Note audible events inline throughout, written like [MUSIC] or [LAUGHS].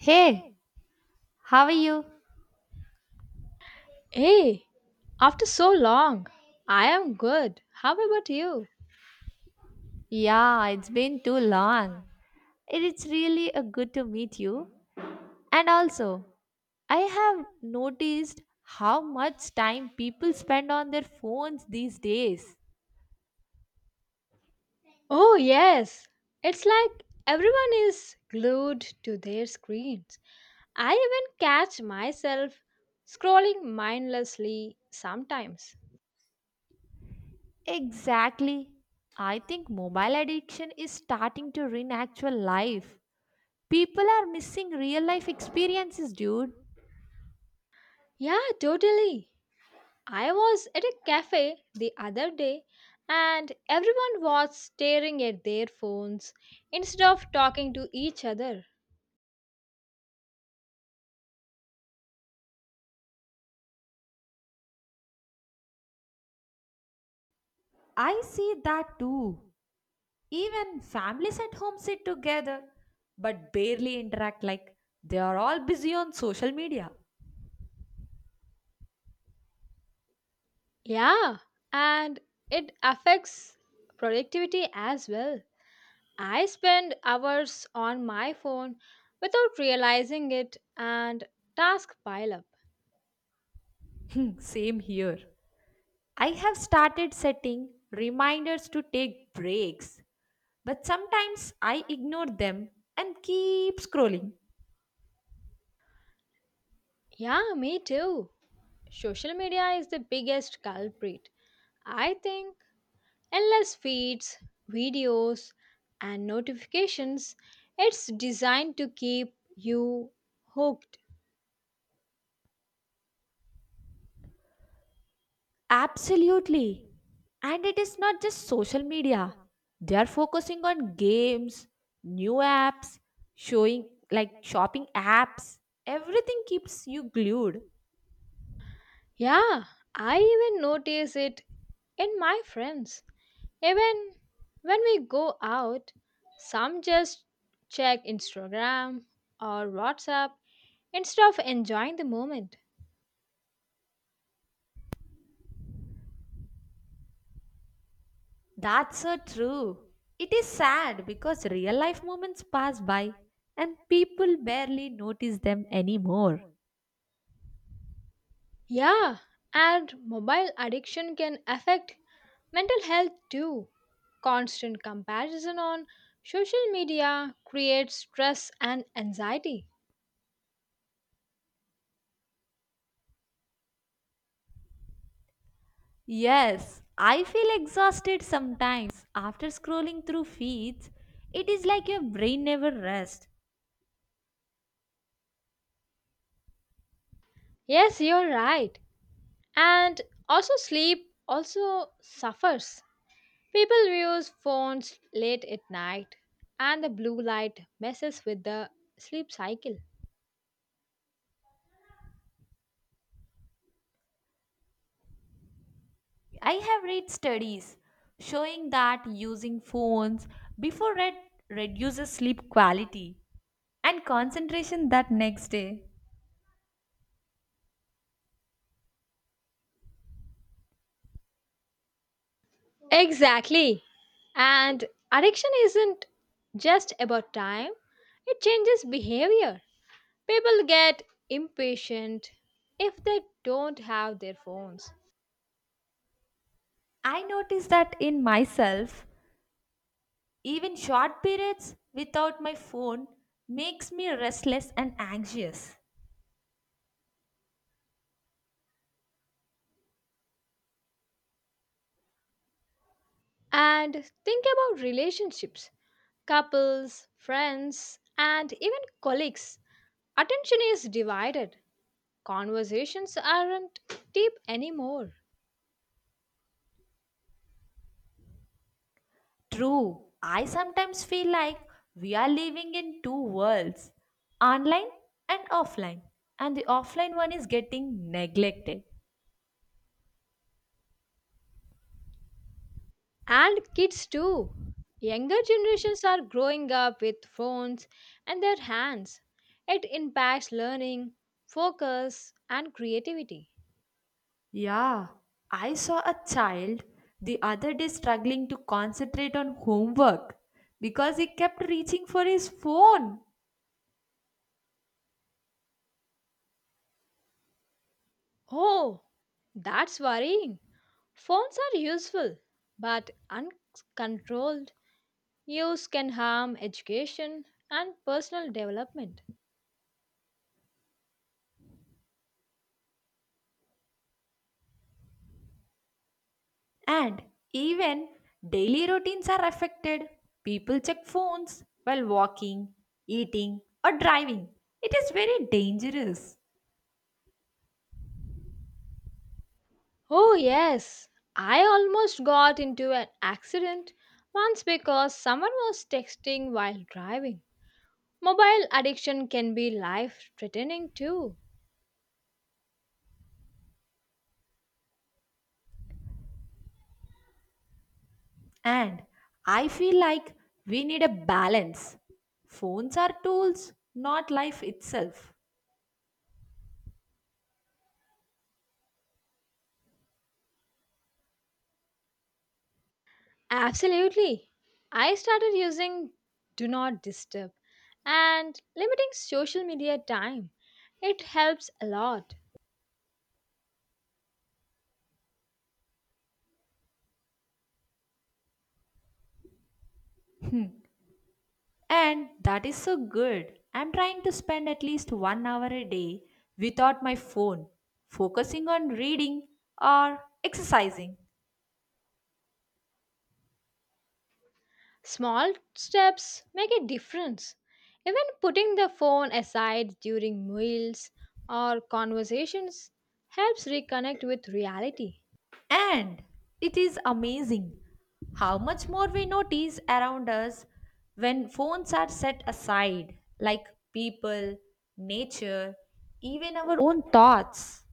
Hey, how are you? Hey, after so long, I am good. How about you? Yeah, it's been too long. It is really a good to meet you. And also, I have noticed how much time people spend on their phones these days. Oh, yes. It's like everyone is glued to their screens. I even catch myself scrolling mindlessly sometimes. Exactly. I think mobile addiction is starting to ruin actual life. People are missing real life experiences, dude. Yeah, totally. I was at a cafe the other day and everyone was staring at their phones instead of talking to each other. I see that too. Even families at home sit together but barely interact like they are all busy on social media. Yeah, and it affects productivity as well. I spend hours on my phone without realizing it and task pile up. [LAUGHS] Same here. I have started setting reminders to take breaks, but sometimes I ignore them and keep scrolling. Yeah, me too. Social media is the biggest culprit. I think endless feeds, videos, and notifications, it's designed to keep you hooked. Absolutely. And it is not just social media. They are focusing on games, new apps, showing like shopping apps. Everything keeps you glued. Yeah, I even notice it in my friends. Even when we go out, some just check Instagram or WhatsApp instead of enjoying the moment. That's so true. It is sad because real life moments pass by and people barely notice them anymore. Yeah, and mobile addiction can affect mental health too. Constant comparison on social media creates stress and anxiety. Yes, I feel exhausted sometimes after scrolling through feeds. It is like your brain never rests. Yes, you're right. And also sleep also suffers. People use phones late at night, and the blue light messes with the sleep cycle. I have read studies showing that using phones before bed reduces sleep quality and concentration that next day. Exactly. And addiction isn't just about time, it changes behavior. People get impatient if they don't have their phones. I noticed that in myself. Even short periods without my phone makes me restless and anxious. And think about relationships, couples, friends, and even colleagues. Attention is divided, conversations aren't deep anymore. True, I sometimes feel like we are living in two worlds, online and offline, and the offline one is getting neglected. And kids too. Younger generations are growing up with phones and their hands. It impacts learning, focus, and creativity. Yeah, I saw a child the other day struggling to concentrate on homework because he kept reaching for his phone. Oh, that's worrying. Phones are useful, but uncontrolled use can harm education and personal development. And even daily routines are affected. People check phones while walking, eating, or driving. It is very dangerous. Oh, yes, I almost got into an accident once because someone was texting while driving. Mobile addiction can be life threatening too. And I feel like we need a balance. Phones are tools, not life itself. Absolutely. I started using Do Not Disturb and limiting social media time. It helps a lot. And that is so good. I'm trying to spend at least 1 hour a day without my phone, focusing on reading or exercising. Small steps make a difference. Even putting the phone aside during meals or conversations helps reconnect with reality. And it is amazing how much more we notice around us when phones are set aside, like people, nature, even our own thoughts.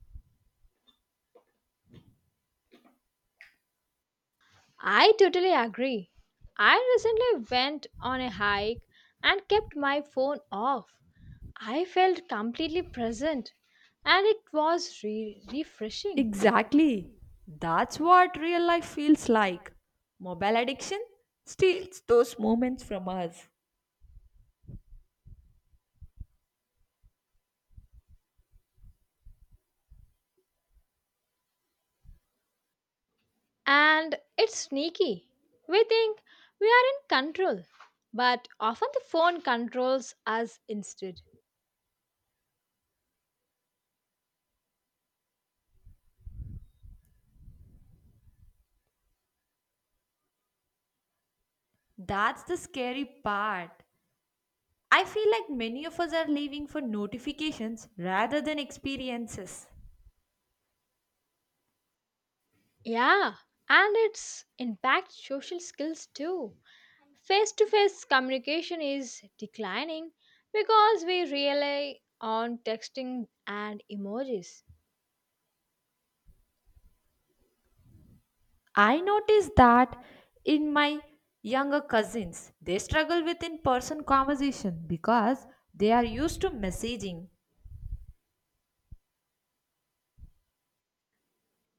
I totally agree. I recently went on a hike and kept my phone off. I felt completely present and it was refreshing. Exactly. That's what real life feels like. Mobile addiction steals those moments from us. And it's sneaky. We think we are in control, but often the phone controls us instead. That's the scary part. I feel like many of us are living for notifications rather than experiences. Yeah, and it's impact social skills too. Face to face communication is declining because we rely on texting and emojis. I noticed that in my younger cousins, they struggle with in person conversation because they are used to messaging.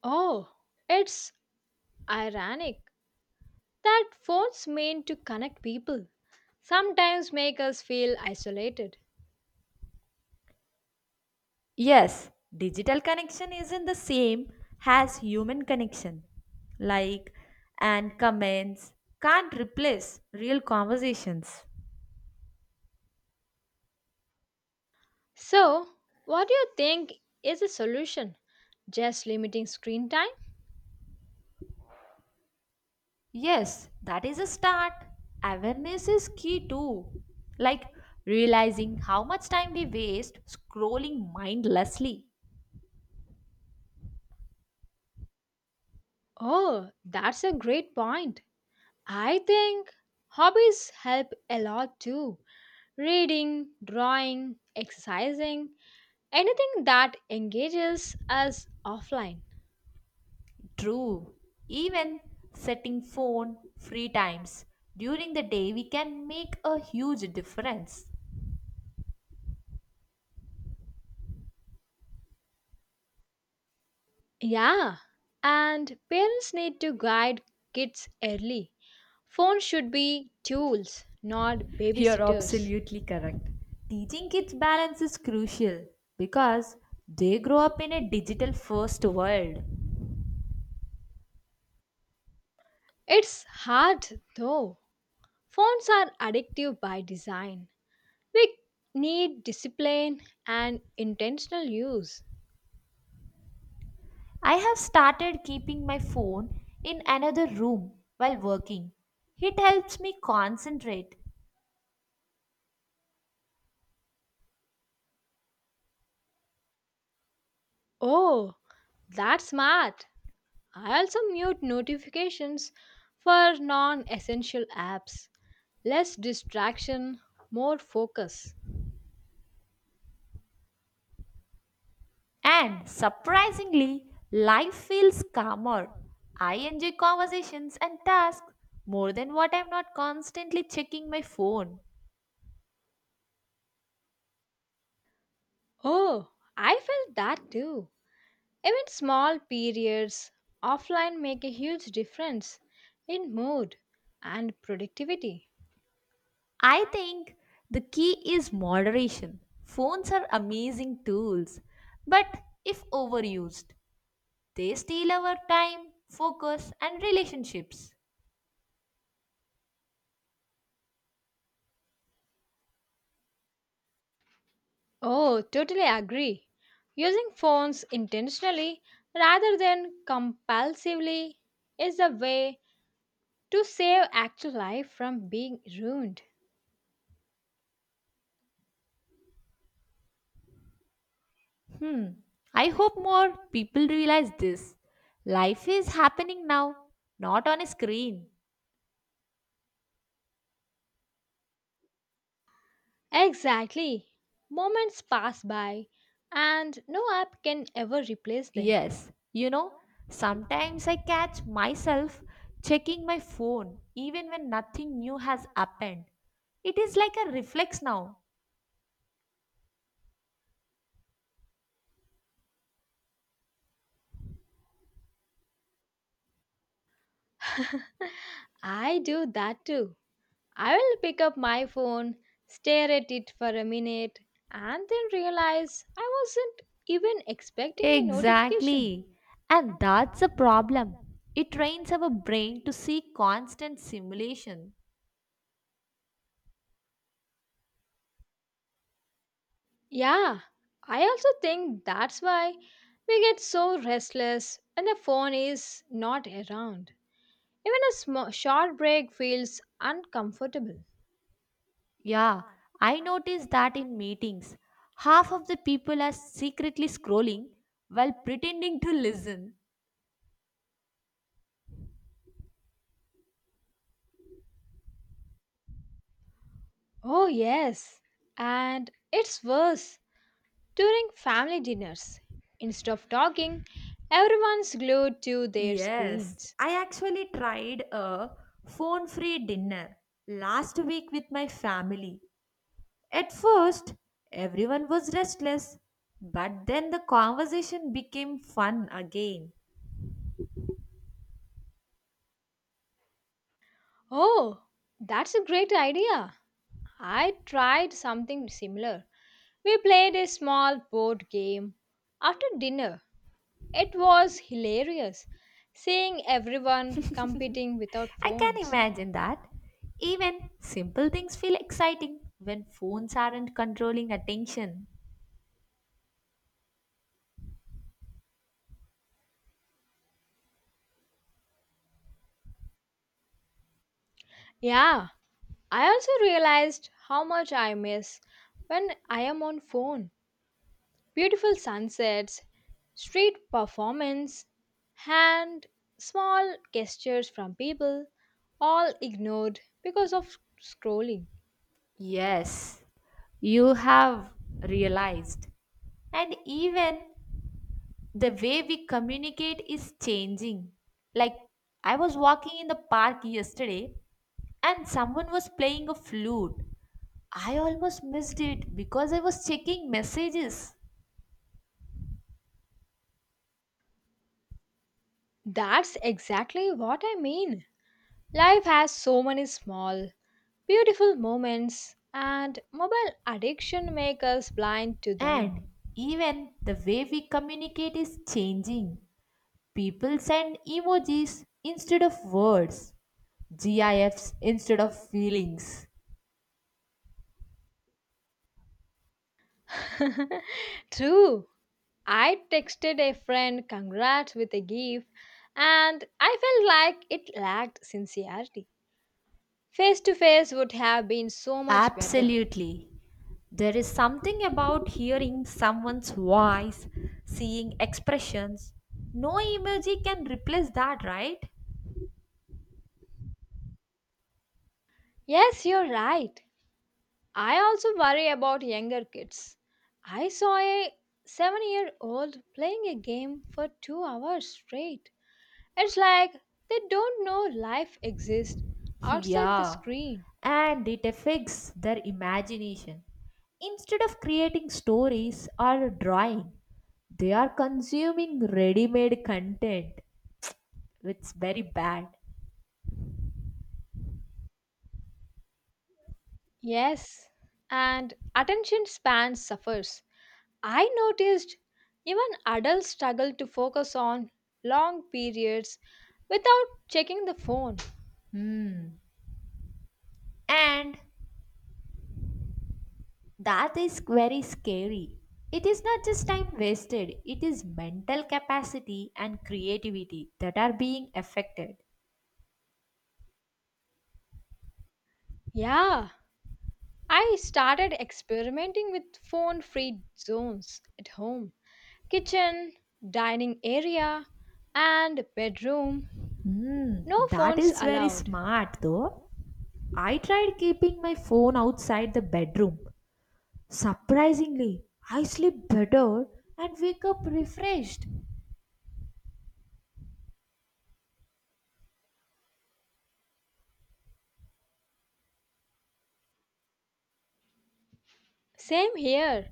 Oh, it's ironic that phones mean to connect people sometimes make us feel isolated. Yes, digital connection isn't the same as human connection. Like and comments can't replace real conversations. So, what do you think is a solution? Just limiting screen time? Yes, that is a start. Awareness is key too. Like realizing how much time we waste scrolling mindlessly. Oh, that's a great point. I think hobbies help a lot too. Reading, drawing, exercising, anything that engages us offline. True. Even setting phone free times during the day we can make a huge difference. Yeah, and parents need to guide kids early. Phones should be tools, not You're babysitters. absolutely correct. Teaching kids balance is crucial because they grow up in a digital first world. It's hard though. Phones are addictive by design. We need discipline and intentional use. I have started keeping my phone in another room while working. It helps me concentrate. Oh, that's smart. I also mute notifications for non essential apps. Less distraction, more focus. And surprisingly, life feels calmer. I enjoy conversations and tasks more than what I'm not constantly checking my phone. Oh, I felt that too. Even small periods offline make a huge difference in mood and productivity. I think the key is moderation. Phones are amazing tools, but if overused, they steal our time, focus, and relationships. Oh, totally agree. Using phones intentionally rather than compulsively is the way to save actual life from being ruined. Hmm, I hope more people realize this. Life is happening now, not on a screen. Exactly. Moments pass by and no app can ever replace them. Yes, you know, sometimes I catch myself checking my phone even when nothing new has happened. It is like a reflex now. [LAUGHS] I do that too. I will pick up my phone, stare at it for a minute, and then realize I wasn't even expecting a notification. Exactly. And that's a problem. It trains our brain to seek constant simulation. Yeah, I also think that's why we get so restless when the phone is not around. Even a small, short break feels uncomfortable. Yeah, I noticed that in meetings. Half of the people are secretly scrolling while pretending to listen. Oh, yes, and it's worse during family dinners. Instead of talking, everyone's glued to their Yes, screens. I actually tried a phone free dinner last week with my family. At first, everyone was restless, but then the conversation became fun again. Oh, that's a great idea. I tried something similar. We played a small board game after dinner. It was hilarious seeing everyone competing without I can phones. imagine that. Even simple things feel exciting when phones aren't controlling attention. Yeah, I also realized how much I miss when I am on phone. Beautiful sunsets, street performance, and small gestures from people all ignored because of scrolling. Yes, you have realized. And even the way we communicate is changing. Like, I was walking in the park yesterday and someone was playing a flute. I almost missed it because I was checking messages. That's exactly what I mean. Life has so many small, beautiful moments, and mobile addiction makes us blind to them. And even the way we communicate is changing. People send emojis instead of words, GIFs instead of feelings. [LAUGHS] True, I texted a friend congrats with a gift, and I felt like it lacked sincerity. Face to face would have been so much better. Absolutely. There is something about hearing someone's voice, seeing expressions. No emoji can replace that, right? Yes, you're right. I also worry about younger kids. I saw a 7-year-old playing a game for 2 hours straight. It's like they don't know life exists [LAUGHS] outside the Yeah. screen. And it affects their imagination. Instead of creating stories or drawing, they are consuming ready made content, which is very bad. Yes, and attention span suffers. I noticed even adults struggle to focus on long periods without checking the phone. Hmm. And that is very scary. It is not just time wasted, it is mental capacity and creativity that are being affected. Yeah, I started experimenting with phone free zones at home: kitchen, dining area, and bedroom. Hmm, No that phones is very allowed. smart though. I tried keeping my phone outside the bedroom. Surprisingly, I sleep better and wake up refreshed. Same here.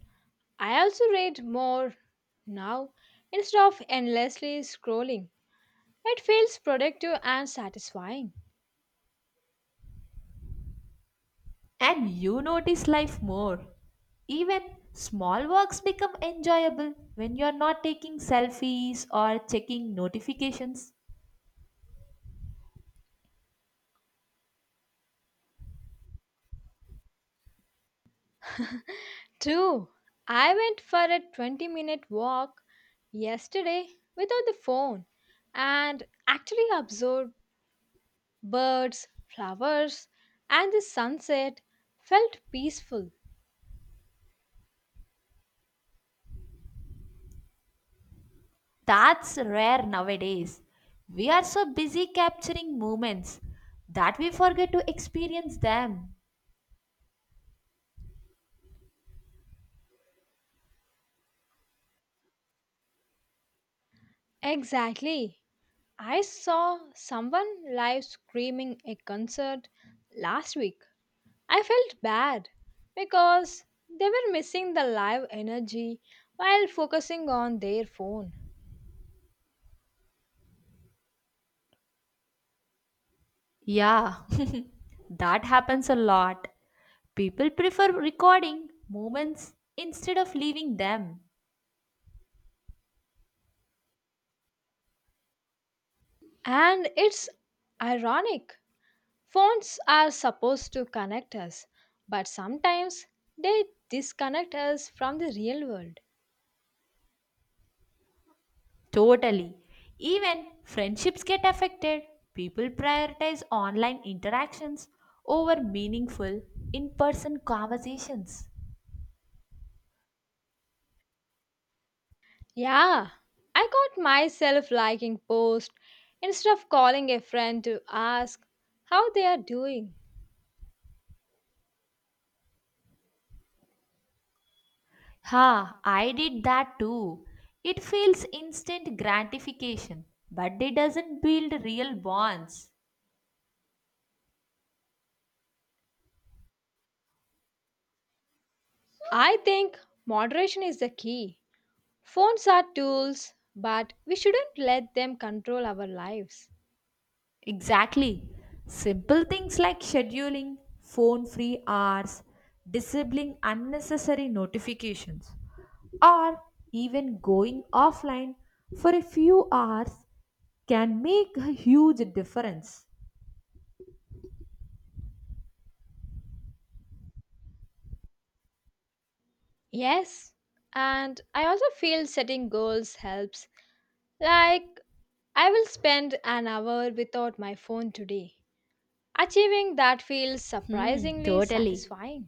I also read more now instead of endlessly scrolling. It feels productive and satisfying. And you notice life more. Even small works become enjoyable when you are not taking selfies or checking notifications. True, I went for a 20-minute walk yesterday without the phone and actually observed birds, flowers, and the sunset felt peaceful. That's rare nowadays. We are so busy capturing moments that we forget to experience them. Exactly. I saw someone live screaming a concert last week. I felt bad because they were missing the live energy while focusing on their phone. Yeah, [LAUGHS] that happens a lot. People prefer recording moments instead of leaving them. And it's ironic. Phones are supposed to connect us, but sometimes they disconnect us from the real world. Totally. Even friendships get affected. People prioritize online interactions over meaningful in person conversations. Yeah, I got myself liking post instead of calling a friend to ask how they are doing. Ha, I did that too. It feels instant gratification, but it doesn't build real bonds. I think moderation is the key. Phones are tools, but we shouldn't let them control our lives. Exactly. Simple things like scheduling, phone free hours, disabling unnecessary notifications, or even going offline for a few hours can make a huge difference. Yes, and I also feel setting goals helps. Like, I will spend an hour without my phone today. Achieving that feels Hmm, surprisingly totally. satisfying.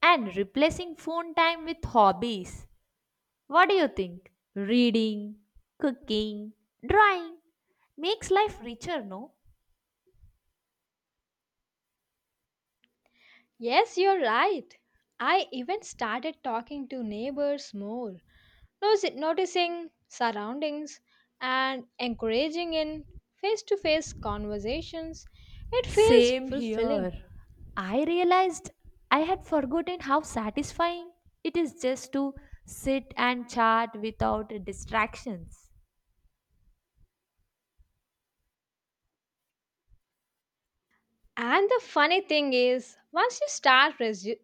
And replacing phone time with hobbies, what do you think? Reading, cooking, drawing makes life richer, no? Yes, you're right. I even started talking to neighbors more, noticing surroundings, and encouraging in face to face conversations. It feels Same fulfilling. here. I realized I had forgotten how satisfying it is just to sit and chat without distractions. And the funny thing is, once you start resu-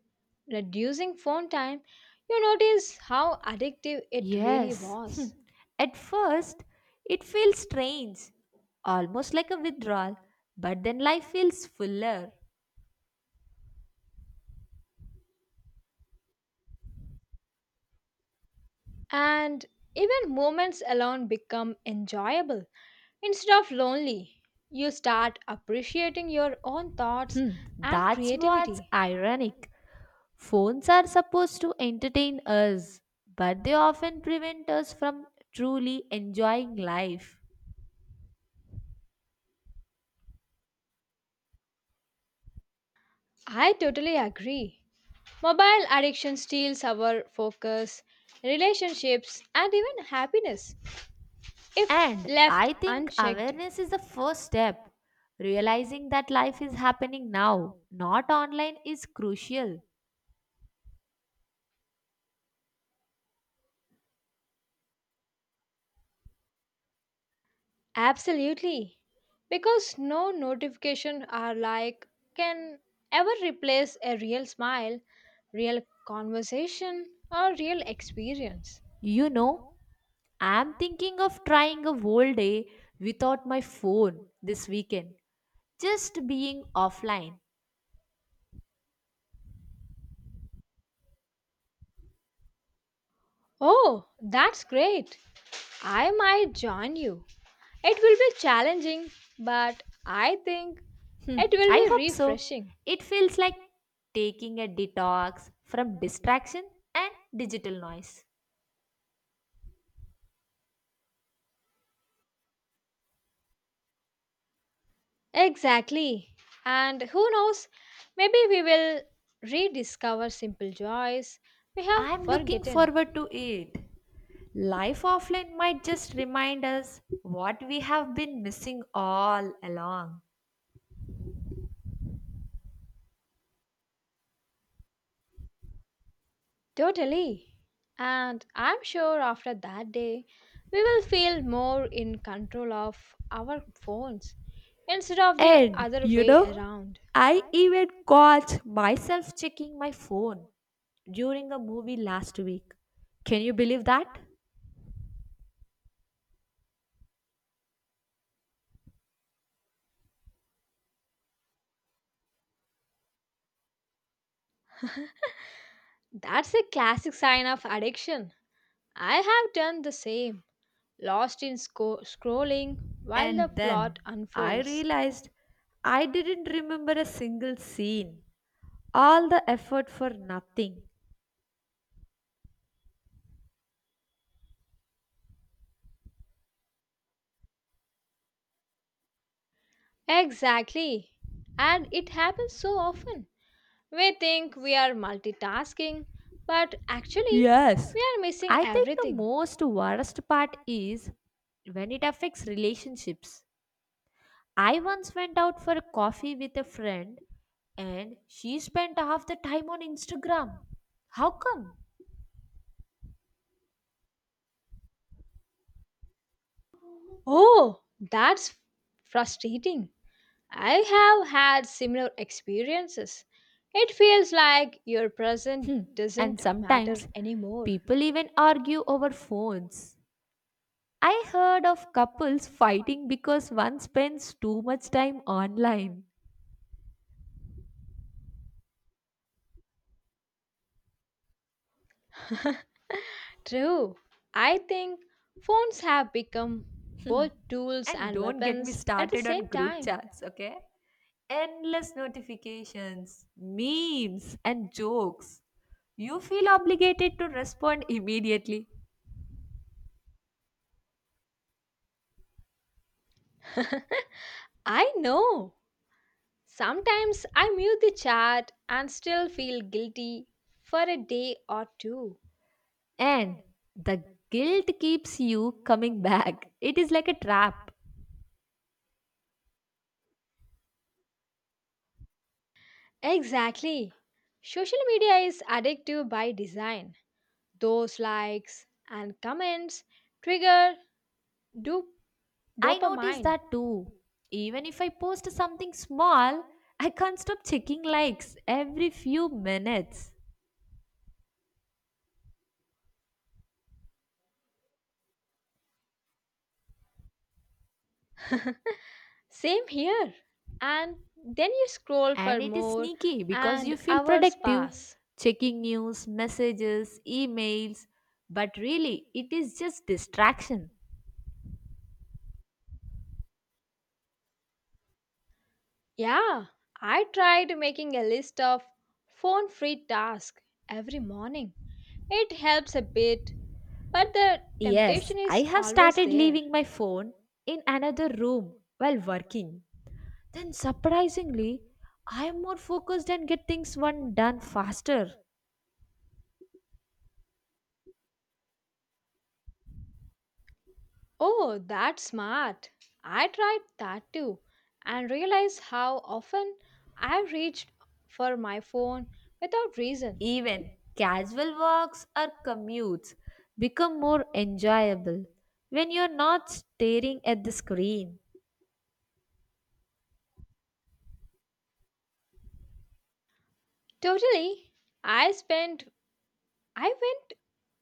reducing phone time, you notice how addictive it really Yes, was. [LAUGHS] at first it feels strange, almost like a withdrawal, but then life feels fuller. And even moments alone become enjoyable instead of lonely. You start appreciating your own thoughts and That's what's creativity. ironic. Phones are supposed to entertain us, but they often prevent us from truly enjoying life. I totally agree. Mobile addiction steals our focus, relationships, and even happiness if And left I think unchecked. awareness is the first step. Realizing that life is happening now, not online, is crucial. Absolutely. Because no notification are like can ever replace a real smile, real conversation, or real experience. You know, I'm thinking of trying a whole day without my phone this weekend, just being offline. Oh, that's great. I might join you. It will be challenging, but I think it I will be hope so. refreshing. It feels like taking a detox from distraction and digital noise. Exactly. And who knows, maybe we will rediscover simple joys we have I'm looking forgotten. forward to it. Life offline might just remind us what we have been missing all along. Totally. And I'm sure after that day, we will feel more in control of our phones instead of the And other you way know, around. I even caught myself checking my phone during a movie last week. Can you believe that? [LAUGHS] That's a classic sign of addiction. I have done the same, lost in scrolling while the And then plot I unfolds. realized I didn't remember a single scene. All the effort for nothing. Exactly. And it happens so often. We think we are multitasking, but actually, Yes. we are missing I think the everything. most worst part is when it affects relationships. I once went out for a coffee with a friend and she spent half the time on Instagram. How come? Oh, that's frustrating. I have had similar experiences. It feels like your present And doesn't matter sometimes anymore. people even argue over phones. I heard of couples fighting because one spends too much time online. [LAUGHS] True. I think phones have become both tools And and don't get me weapons at the started on same group time. chats, okay? Endless notifications, memes, and jokes. You feel obligated to respond immediately. [LAUGHS] I know. Sometimes I mute the chat and still feel guilty for a day or two. And the guilt keeps you coming back. It is like a trap. Exactly. Social media is addictive by design. Those likes and comments trigger do- I notice dopamine. that too. Even if I post something small, I can't stop checking likes every few minutes. [LAUGHS] Same here. And then you scroll for And it is more, sneaky because and you feel hours productive, pass. checking news, messages, emails, but really it is just distraction. Yeah, I tried making a list of phone free tasks every morning. It helps a bit, but the Yes, temptation I is have always started there. leaving my phone in another room while working. Then surprisingly, I am more focused and get things one done faster. Oh, that's smart. I tried that too and realized how often I reached for my phone without reason. Even casual walks or commutes become more enjoyable when you're not staring at the screen. Totally. I spent I went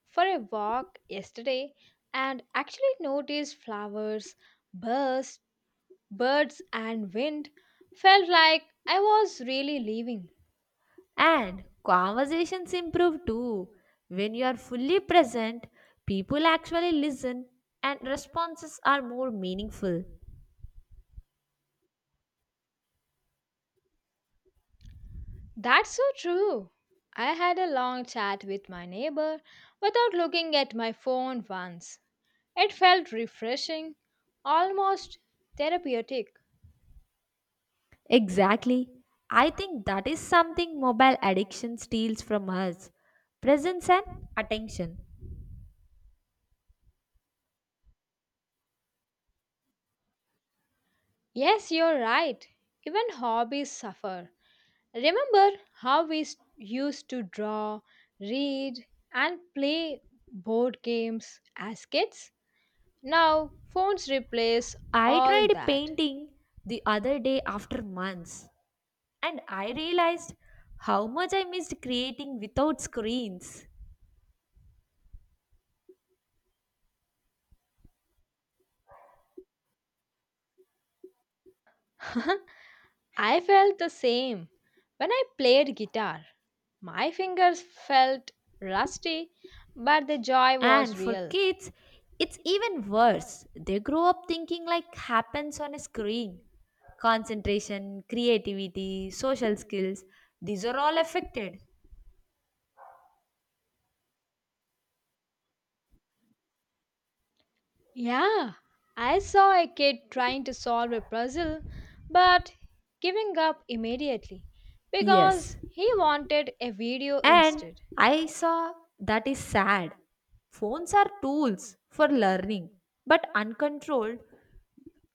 for a walk yesterday and actually noticed flowers, birds, birds and wind. Felt like I was really leaving. And conversations improve too. When you are fully present, people actually listen and responses are more meaningful. That's so true. I had a long chat with my neighbor without looking at my phone once. It felt refreshing, almost therapeutic. Exactly. I think that is something mobile addiction steals from us, presence and attention. Yes, you're right. Even hobbies suffer. Remember how we used to draw, read, and play board games as kids? Now, phones replace I all tried that. painting the other day after months and I realized how much I missed creating without screens. [LAUGHS] I felt the same when I played guitar. My fingers felt rusty, but the joy And was for real. kids, it's even worse. They grow up thinking like happens on a screen. Concentration, creativity, social skills, these are all affected. Yeah, I saw a kid trying to solve a puzzle but giving up immediately Yes. because he wanted a video And instead. I saw that is sad. Phones are tools for learning, but uncontrolled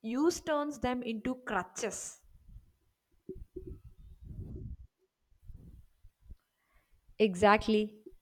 use turns them into crutches. Exactly.